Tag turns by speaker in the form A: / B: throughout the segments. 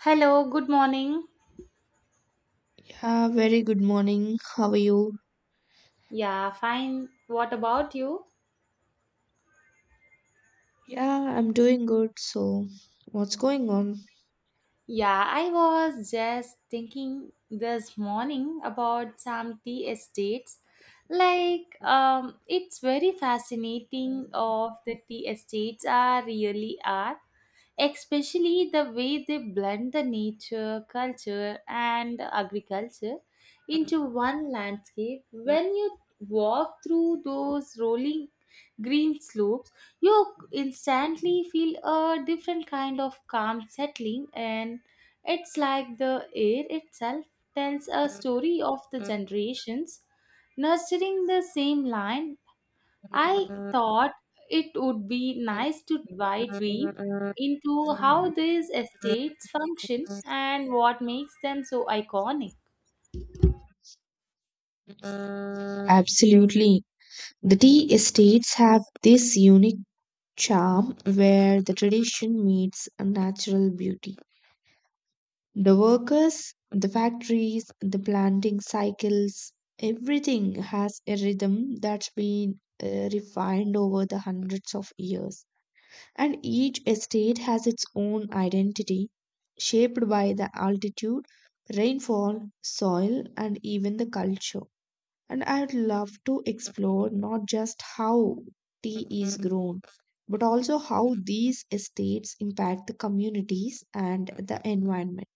A: Hello, good morning.
B: Yeah, very good morning. How are you?
A: Yeah, fine. What about you?
B: Yeah, I'm doing good. So, what's going on?
A: Yeah, I was just thinking this morning about some tea estates. It's very fascinating of the tea estates are really are, especially the way they blend the nature, culture, and agriculture into one landscape. When you walk through those rolling green slopes, you instantly feel a different kind of calm settling, and it's like the air itself tells a story of the generations nurturing the same land. I thought it would be nice to dive deep into how these estates function and what makes them so iconic.
B: Absolutely. The tea estates have this unique charm where the tradition meets a natural beauty. The workers, the factories, the planting cycles, everything has a rhythm that's been refined over the hundreds of years. And each estate has its own identity shaped by the altitude, rainfall, soil, and even the culture. And I would love to explore not just how tea is grown, but also how these estates impact the communities and the environment.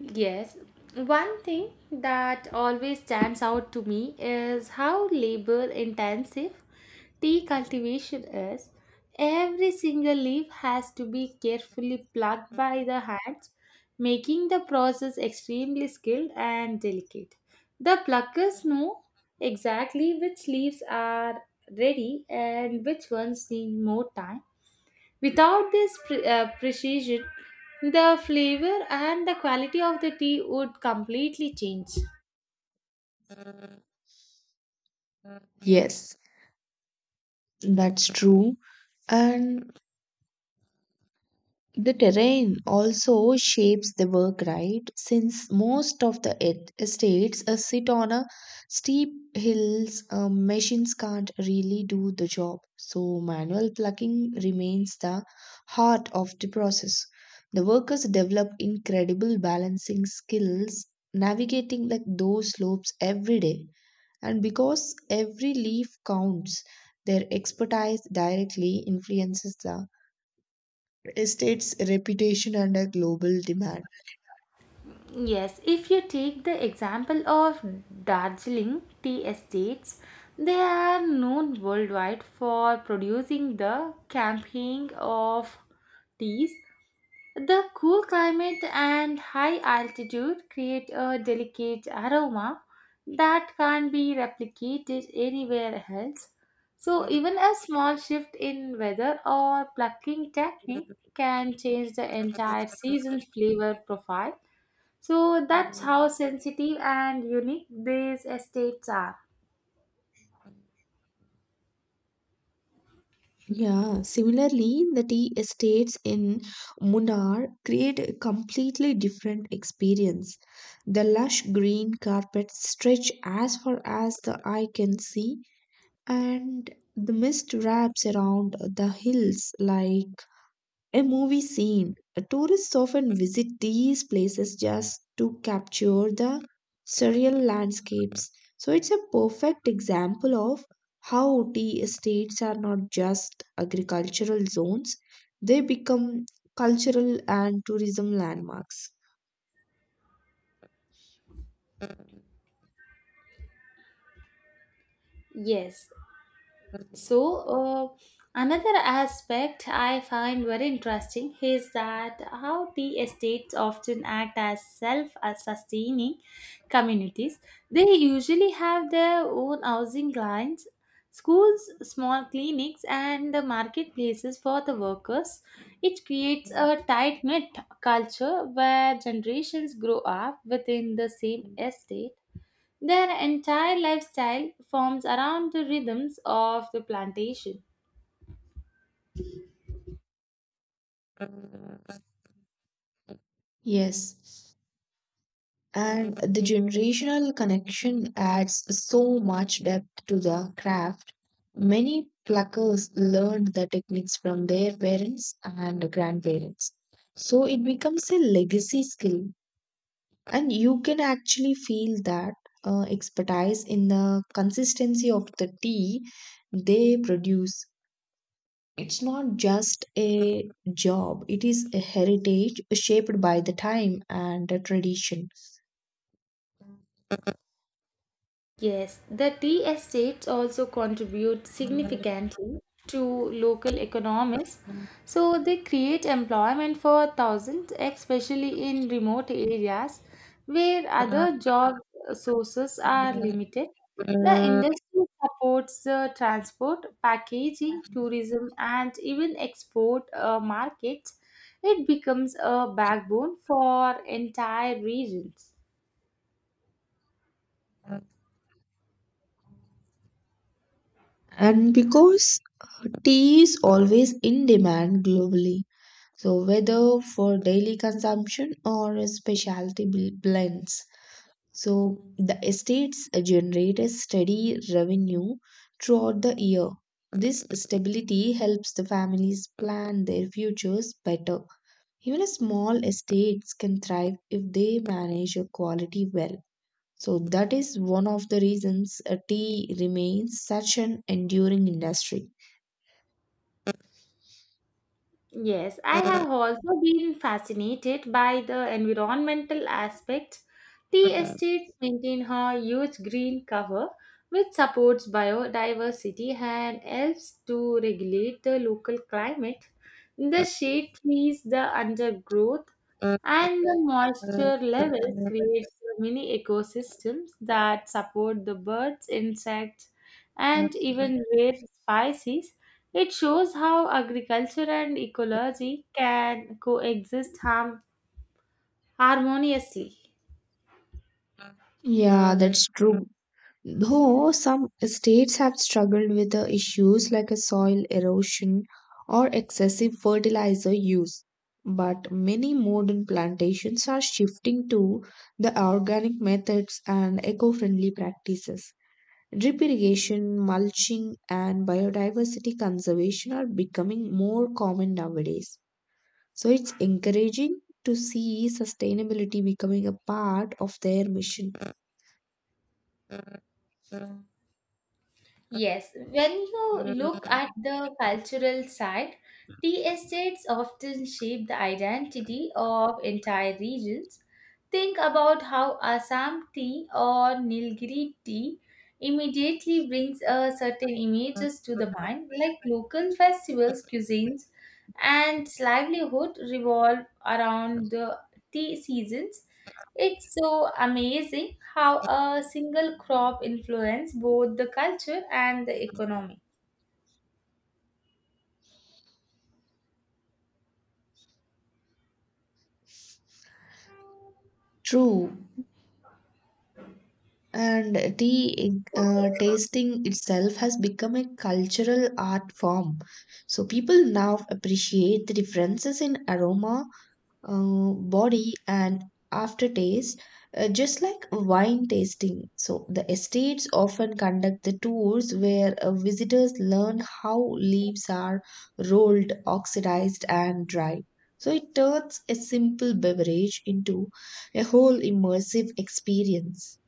A: Yes, one thing that always stands out to me is how labor intensive tea cultivation is. Every single leaf has to be carefully plucked by the hands, making the process extremely skilled and delicate. The pluckers know exactly which leaves are ready and which ones need more time. Without this precision, the flavor and the quality of the tea would completely change.
B: Yes, that's true. And the terrain also shapes the work, right? Since most of the estates sit on a steep hills, machines can't really do the job. So manual plucking remains the heart of the process. The workers develop incredible balancing skills, navigating like those slopes every day. And because every leaf counts, their expertise directly influences the estate's reputation and a global demand.
A: Yes, if you take the example of Darjeeling tea estates, they are known worldwide for producing the camping of teas. The cool climate and high altitude create a delicate aroma that can't be replicated anywhere else. So, even a small shift in weather or plucking technique can change the entire season's flavor profile. So, that's how sensitive and unique these estates are.
B: Yeah, similarly, the tea estates in Munnar create a completely different experience. The lush green carpets stretch as far as the eye can see, and the mist wraps around the hills like a movie scene. Tourists often visit these places just to capture the surreal landscapes. So it's a perfect example of how tea estates are not just agricultural zones, they become cultural and tourism landmarks.
A: Yes. So, uh, another aspect I find very interesting is that how the estates often act as self sustaining communities. They usually have their own housing lines, schools, small clinics, and the marketplaces for the workers. It creates a tight knit culture where generations grow up within the same estate, their entire lifestyle forms around the rhythms of the plantation.
B: Yes. And the generational connection adds so much depth to the craft. Many pluckers learned the techniques from their parents and grandparents. So it becomes a legacy skill, and you can actually feel that expertise in the consistency of the tea they produce. It's not just a job, it is a heritage shaped by the time and the tradition.
A: Yes, the tea estates also contribute significantly to local economies. So they create employment for thousands, especially in remote areas where other job sources are limited. The
B: Mm.
A: industry supports the transport, packaging, tourism, and even export markets. It becomes a backbone for entire regions.
B: And because tea is always in demand globally, so whether for daily consumption or specialty blends, so the estates generate a steady revenue throughout the year. This stability helps the families plan their futures better. Even a small estates can thrive if they manage your quality well. So that is one of the reasons tea remains such an enduring industry.
A: Yes, I have also been fascinated by the environmental aspect. Tea estates maintain a huge green cover which supports biodiversity and helps to regulate the local climate. The shade trees, the undergrowth, and the moisture levels creates mini ecosystems that support the birds insects and even rare species. It shows how agriculture and ecology can coexist harmoniously.
B: Yeah, that's true. Though some states have struggled with the issues like a soil erosion or excessive fertilizer use, but many modern plantations are shifting to the organic methods and eco-friendly practices. Drip irrigation, mulching, and biodiversity conservation are becoming more common nowadays. So it's encouraging to see sustainability becoming a part of their mission.
A: Yes, when you look at the cultural side, tea estates often shape the identity of entire regions. Think about how Assam tea or Nilgiri tea immediately brings a certain images to the mind, like local festivals, cuisines, and livelihood revolve around the tea seasons. It's so amazing how a single crop influences both the culture and the economy.
B: True. And tea tasting itself has become a cultural art form. So people now appreciate the differences in aroma body and aftertaste, just like wine tasting. So, the estates often conduct the tours where visitors learn how leaves are rolled, oxidized, and dried. So, it turns a simple beverage into a whole immersive experience.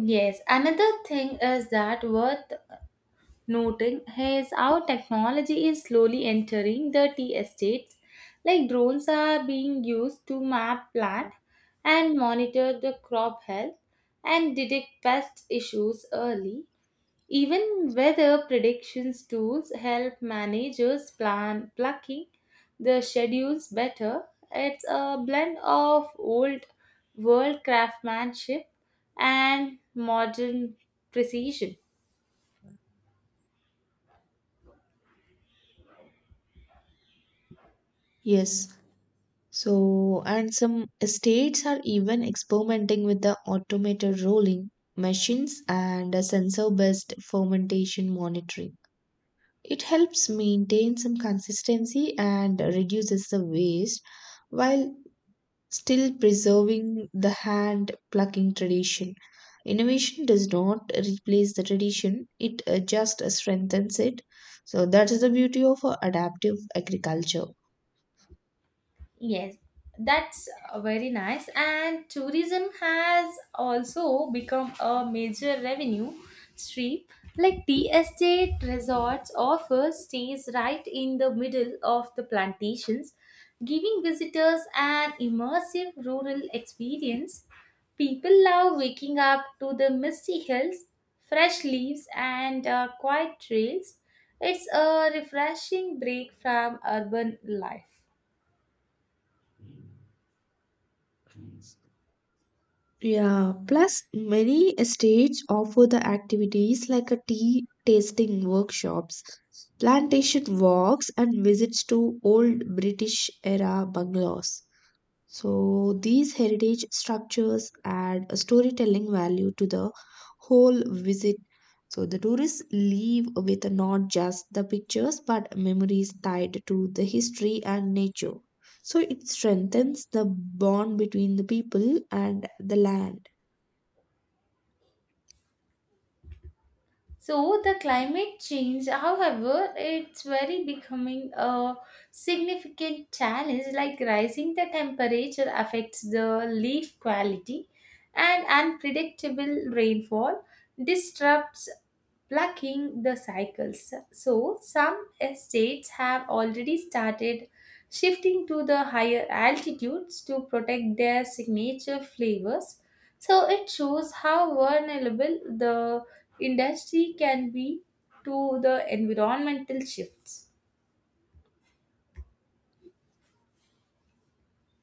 A: Yes, another thing is that worth noting is how technology is slowly entering the tea estates. Like drones are being used to map plant and monitor the crop health and detect pest issues early. Even weather predictions tools help managers plan plucking the schedules better. It's a blend of old world craftsmanship and modern precision.
B: Yes. So, and some states are even experimenting with the automated rolling machines and sensor based fermentation monitoring. It helps maintain some consistency and reduces the waste while still preserving the hand plucking tradition. Innovation does not replace the tradition, it just strengthens it. So, that is the beauty of adaptive agriculture.
A: Yes, that's very nice. And tourism has also become a major revenue stream. Like the estate resorts offer stays right in the middle of the plantations, giving visitors an immersive rural experience. People love waking up to the misty hills, fresh leaves, and quiet trails. It's a refreshing break from urban life.
B: Yeah, plus many states offer the activities like a tea tasting workshops, plantation walks, and visits to old British era bungalows. So these heritage structures add a storytelling value to the whole visit. So the tourists leave with not just the pictures but memories tied to the history and nature. So it strengthens the bond between the people and the land.
A: So the climate change, however, it's very becoming a significant challenge. Like rising the temperature affects the leaf quality, and unpredictable rainfall disrupts plucking the cycles. So, some estates have already started shifting to the higher altitudes to protect their signature flavors. So, it shows how vulnerable the industry can be to the environmental shifts.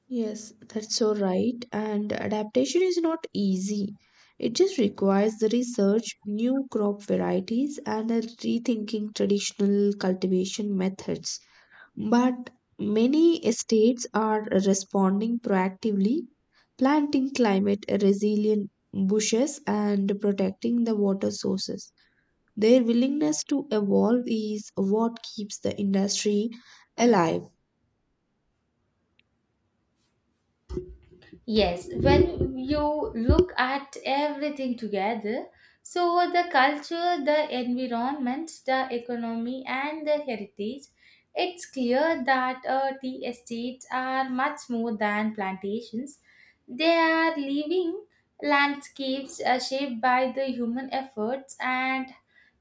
B: Yes, that's so right. And adaptation is not easy. It just requires the research, new crop varieties, and a rethinking traditional cultivation methods. But many states are responding proactively, planting climate resilient bushes and protecting the water sources. Their willingness to evolve is what keeps the industry alive.
A: Yes, when you look at everything together, so the culture, the environment, the economy, and the heritage, it's clear that tea estates are much more than plantations. They are living landscapes shaped by the human efforts and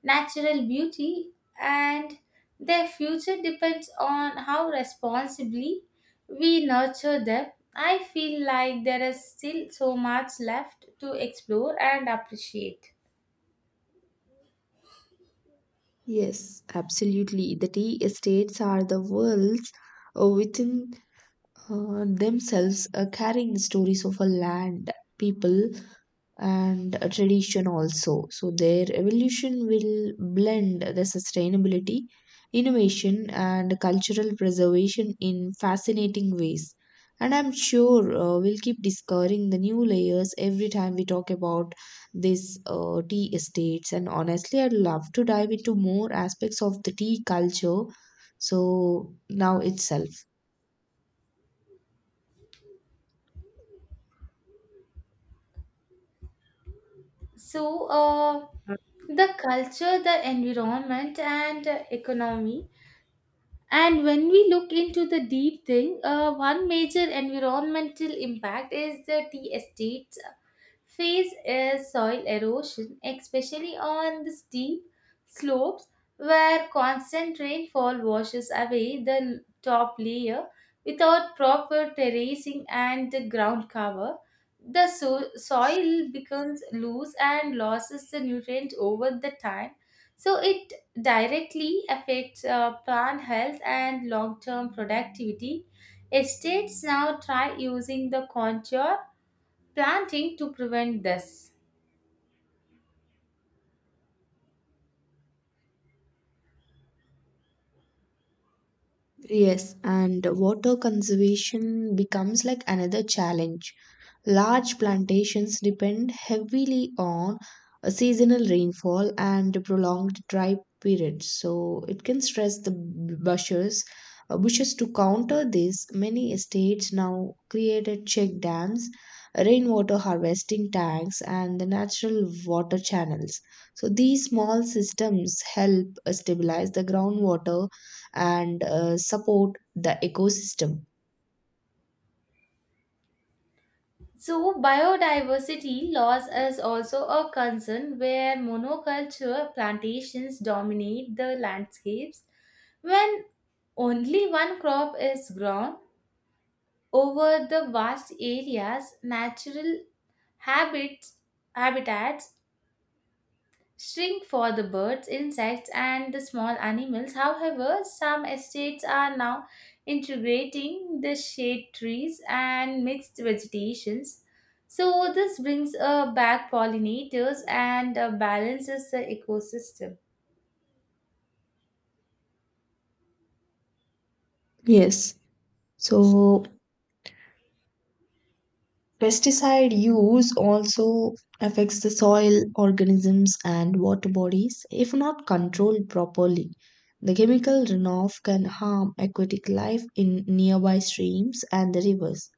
A: natural beauty, and their future depends on how responsibly we nurture them. I feel like there is still so much left to explore and appreciate.
B: Yes, absolutely. The tea estates are the worlds within themselves carrying the stories of a land, people, and a tradition also. So their evolution will blend the sustainability, innovation, and cultural preservation in fascinating ways. And I'm sure we'll keep discovering the new layers every time we talk about these tea estates. And honestly, I'd love to dive into more aspects of the tea culture. So now itself.
A: So, the culture, the environment, and economy. And when we look into the deep thing, one major environmental impact is the tea estates Phase is soil erosion, especially on the steep slopes where constant rainfall washes away the top layer without proper terracing and the ground cover. The soil becomes loose and loses the nutrients over the time. So it directly affects plant health and long-term productivity. Estates now try using the contour planting to prevent this.
B: Yes, and water conservation becomes like another challenge. Large plantations depend heavily on a seasonal rainfall and prolonged dry periods, so it can stress the bushes. Bushes to counter this, many estates now created check dams, rainwater harvesting tanks, and the natural water channels. So these small systems help stabilize the groundwater and support the ecosystem.
A: So, biodiversity loss is also a concern where monoculture plantations dominate the landscapes. When only one crop is grown over the vast areas, natural habits, habitats shrink for the birds, insects, and the small animals. However, some estates are now integrating the shade trees and mixed vegetations. So, this brings back pollinators and balances the ecosystem.
B: Yes. So pesticide use also affects the soil, organisms, and water bodies if not controlled properly. The chemical runoff can harm aquatic life in nearby streams and the rivers.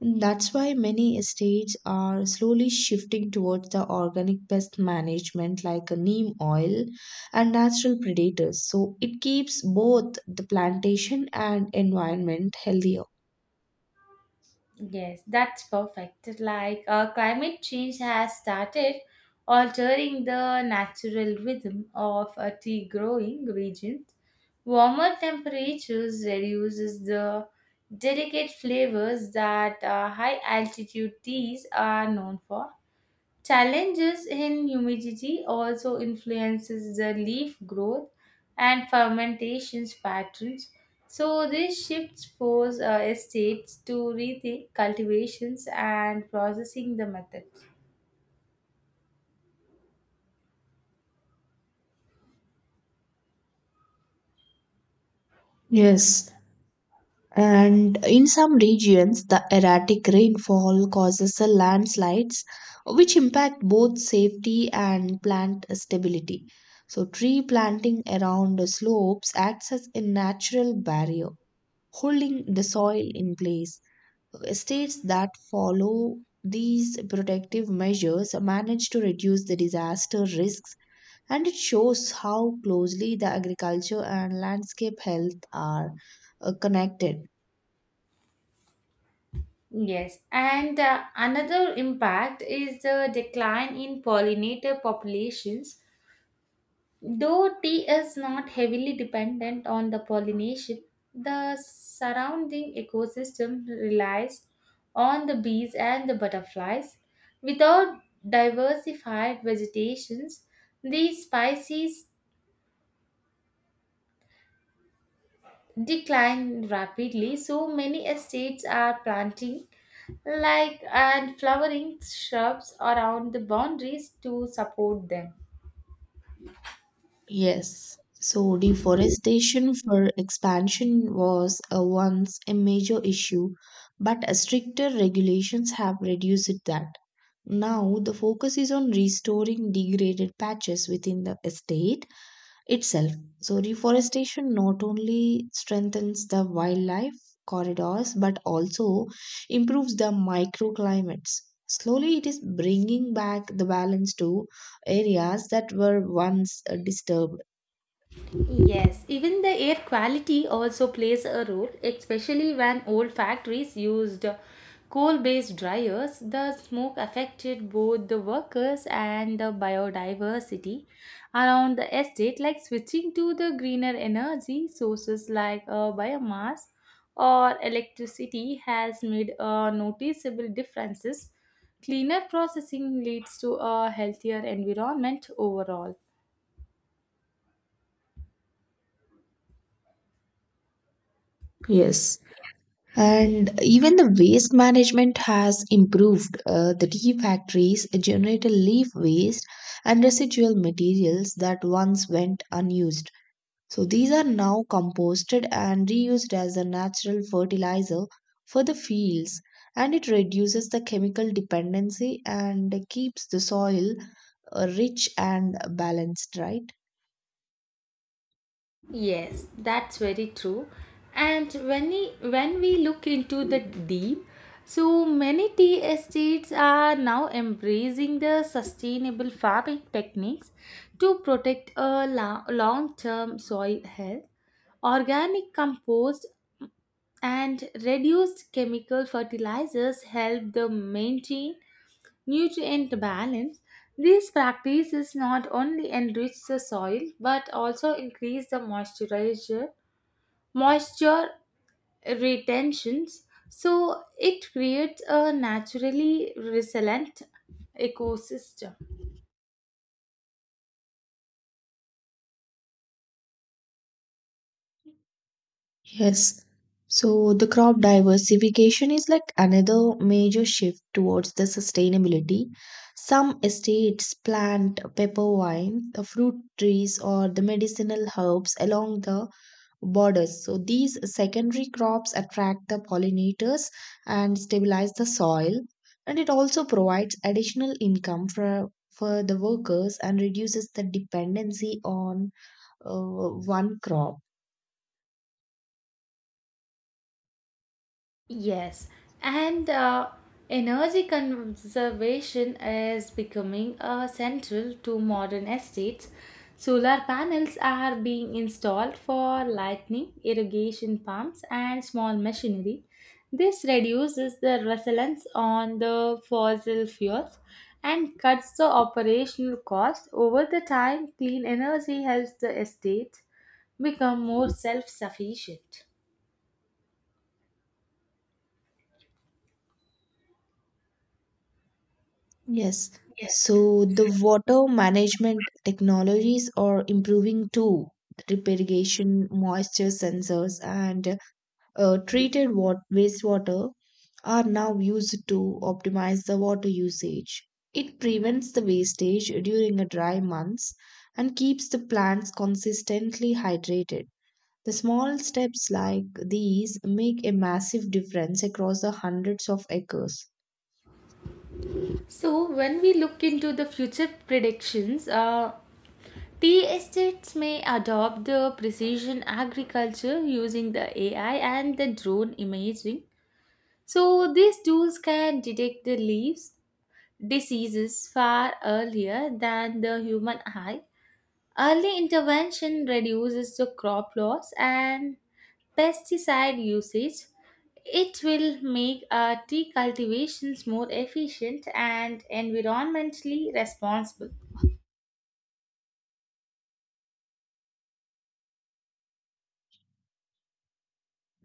B: That's why many estates are slowly shifting towards the organic pest management like a neem oil and natural predators. So it keeps both the plantation and environment healthier.
A: Yes, that's perfect. Like climate change has started altering the natural rhythm of tea growing regions. Warmer temperatures reduces the delicate flavors that high altitude teas are known for. Challenges in humidity also influences the leaf growth and fermentations patterns. So these shifts force estates to rethink cultivations and processing the methods.
B: Yes, and in some regions, the erratic rainfall causes a landslides, which impact both safety and plant stability. So, tree planting around the slopes acts as a natural barrier, holding the soil in place. States that follow these protective measures manage to reduce the disaster risks, and it shows how closely the agriculture and landscape health are connected.
A: Yes, and another impact is the decline in pollinator populations. Though tea is not heavily dependent on the pollination, the surrounding ecosystem relies on the bees and the butterflies. Without diversified vegetations, these species decline rapidly, so many estates are planting like and flowering shrubs around the boundaries to support them.
B: Yes. So deforestation for expansion was once a major issue, but stricter regulations have reduced that. Now the focus is on restoring degraded patches within the estate itself. So reforestation not only strengthens the wildlife corridors but also improves the microclimates. Slowly it is bringing back the balance to areas that were once disturbed.
A: Yes, even the air quality also plays a role, especially when old factories used coal based dryers. The smoke affected both the workers and the biodiversity around the estate, like switching to the greener energy sources like biomass or electricity has made noticeable differences. Cleaner processing leads to a healthier environment overall.
B: Yes. And even the waste management has improved. The tea factories generate a leaf waste and residual materials that once went unused. So these are now composted and reused as a natural fertilizer for the fields, and it reduces the chemical dependency and keeps the soil rich and balanced, right?
A: Yes, that's very true. And when we look into the deep, so many tea estates are now embracing the sustainable farming techniques to protect a long-term soil health, organic compost and reduced chemical fertilizers help the maintain nutrient balance, these practices not only enrich the soil but also increase the moisture retentions. So it creates a naturally resilient ecosystem.
B: Yes. So the crop diversification is like another major shift towards the sustainability. Some estates plant pepper vine, the fruit trees, or the medicinal herbs along the borders. So these secondary crops attract the pollinators and stabilize the soil. And it also provides additional income for the workers and reduces the dependency on one crop.
A: Yes, and energy conservation is becoming central to modern estates. Solar panels are being installed for lighting, irrigation pumps, and small machinery. This reduces the reliance on the fossil fuels and cuts the operational cost. Over the time, clean energy helps the estate become more self-sufficient.
B: Yes. So the water management technologies are improving too. Drip irrigation, moisture sensors, and treated wastewater are now used to optimize the water usage. It prevents the wastage during the dry months and keeps the plants consistently hydrated. The small steps like these make a massive difference across the hundreds of acres.
A: So, when we look into the future predictions, tea estates may adopt the precision agriculture using the AI and the drone imaging. So, these tools can detect the leaves diseases far earlier than the human eye. Early intervention reduces the crop loss and pesticide usage, it will make our tea cultivations more efficient and environmentally responsible.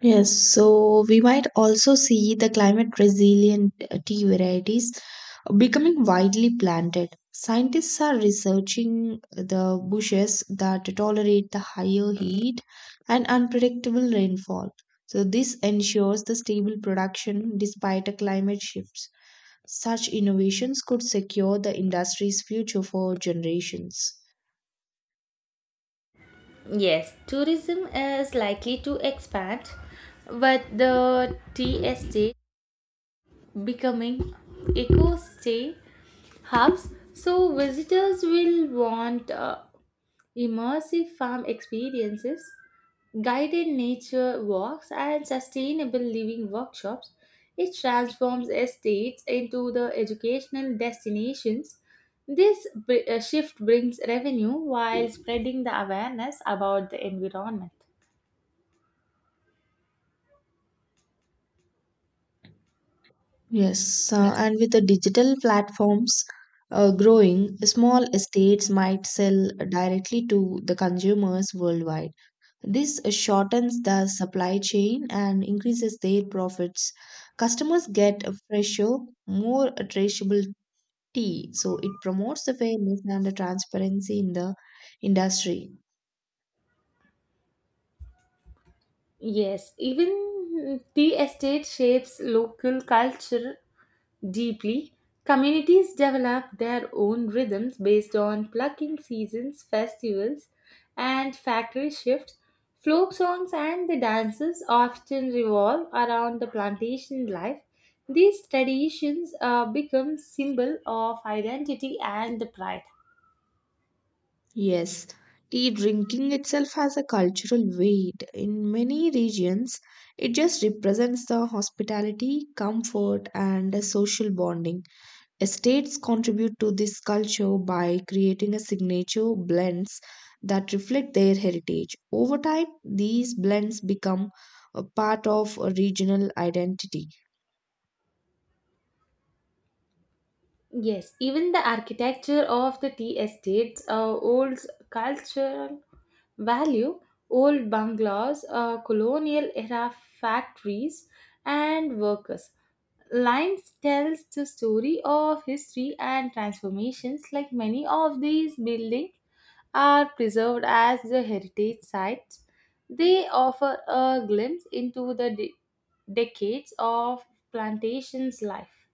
B: Yes, so we might also see the climate resilient tea varieties becoming widely planted. Scientists are researching the bushes that tolerate the higher heat and unpredictable rainfall. So, this ensures the stable production despite the climate shifts. Such innovations could secure the industry's future for generations.
A: Yes, tourism is likely to expand but the tea estate becoming eco stay hubs, so visitors will want immersive farm experiences, guided nature walks, and sustainable living workshops. It transforms estates into the educational destinations. This shift brings revenue while spreading the awareness about the environment.
B: Yes, and with the digital platforms growing, small estates might sell directly to the consumers worldwide. This shortens the supply chain and increases their profits. Customers get a fresher, more traceable tea, so it promotes the fairness and the transparency in the industry.
A: Yes, even the estate shapes local culture deeply, communities develop their own rhythms based on plucking seasons, festivals, and factory shifts. Folk songs and the dances often revolve around the plantation life. These traditions become symbol of identity and the pride.
B: Yes, tea drinking itself has a cultural weight. In many regions, it just represents the hospitality, comfort, and the social bonding. Estates contribute to this culture by creating a signature blends that reflect their heritage. Over time, these blends become a part of a regional identity.
A: Yes, even the architecture of the tea estates holds cultural value, old bungalows, colonial era factories, and workers. Lines tells the story of history and transformations, like many of these buildings are preserved as the heritage sites. They offer a glimpse into the decades of plantation's life.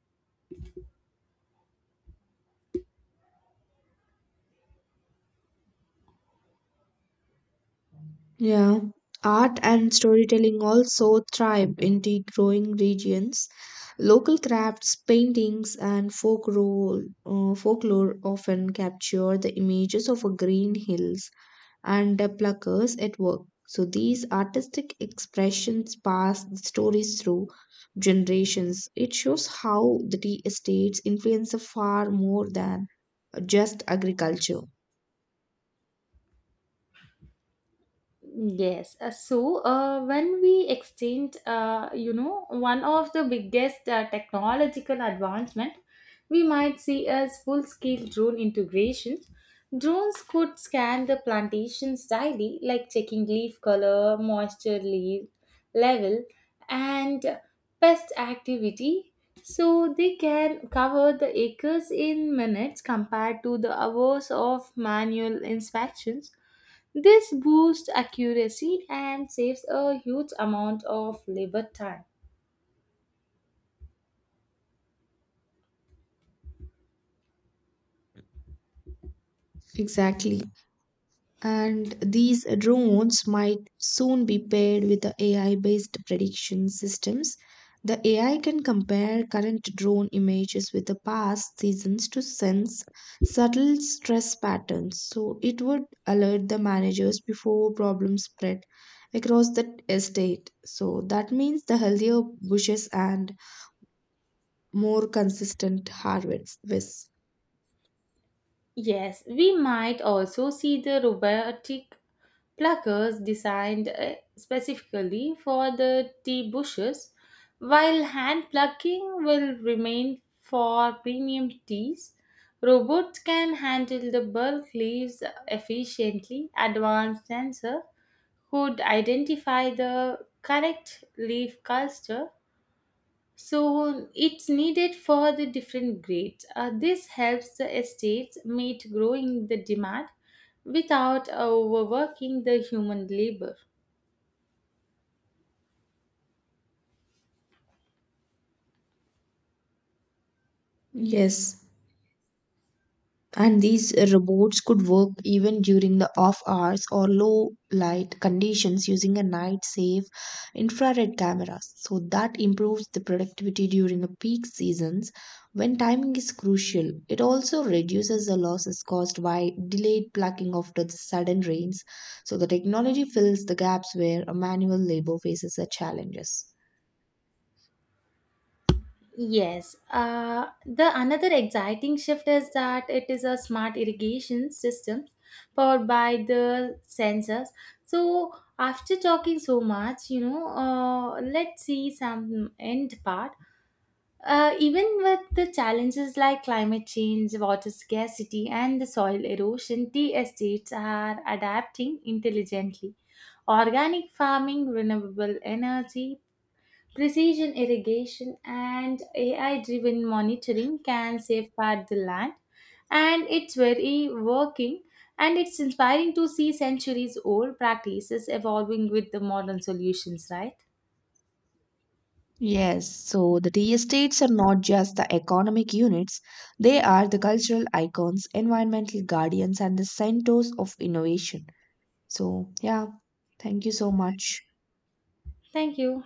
B: Yeah, art and storytelling also thrive in the growing regions. Local crafts, paintings, and folklore often capture the images of a green hills and the pluckers at work. So these artistic expressions pass the stories through generations. It shows how the tea estates influence far more than just agriculture.
A: Yes. So when we exchanged, you know, one of the biggest technological advancement we might see as full-scale drone integration. Drones could scan the plantations daily, like checking leaf color, moisture leave level, and pest activity. So they can cover the acres in minutes compared to the hours of manual inspections, this boosts accuracy and saves a huge amount of labor time.
B: Exactly. And these drones might soon be paired with the AI based prediction systems. The AI can compare current drone images with the past seasons to sense subtle stress patterns. So it would alert the managers before problems spread across the estate. So that means the healthier bushes and more consistent harvests.
A: Yes, we might also see the robotic pluckers designed specifically for the tea bushes, while hand plucking will remain for premium teas. Robots can handle the bulk leaves efficiently. Advanced sensor could identify the correct leaf cluster, so it's needed for the different grades. This helps the estates meet growing the demand without overworking the human labor.
B: Yes. And these robots could work even during the off hours or low light conditions using a night safe infrared cameras. So that improves the productivity during the peak seasons when timing is crucial. It also reduces the losses caused by delayed plucking after the sudden rains. So the technology fills the gaps where a manual labor faces the challenges.
A: Yes, the another exciting shift is that it is a smart irrigation system powered by the sensors. So after talking so much, you know, let's see some end part. Even with the challenges like climate change, water scarcity, and the soil erosion, tea estates are adapting intelligently. Organic farming, renewable energy, precision irrigation, and AI driven monitoring can safeguard the land. And it's very working and it's inspiring to see centuries old practices evolving with the modern solutions, right?
B: Yes, so the tea estates are not just the economic units, they are the cultural icons, environmental guardians, and the centers of innovation. So, yeah, thank you so much.
A: Thank you.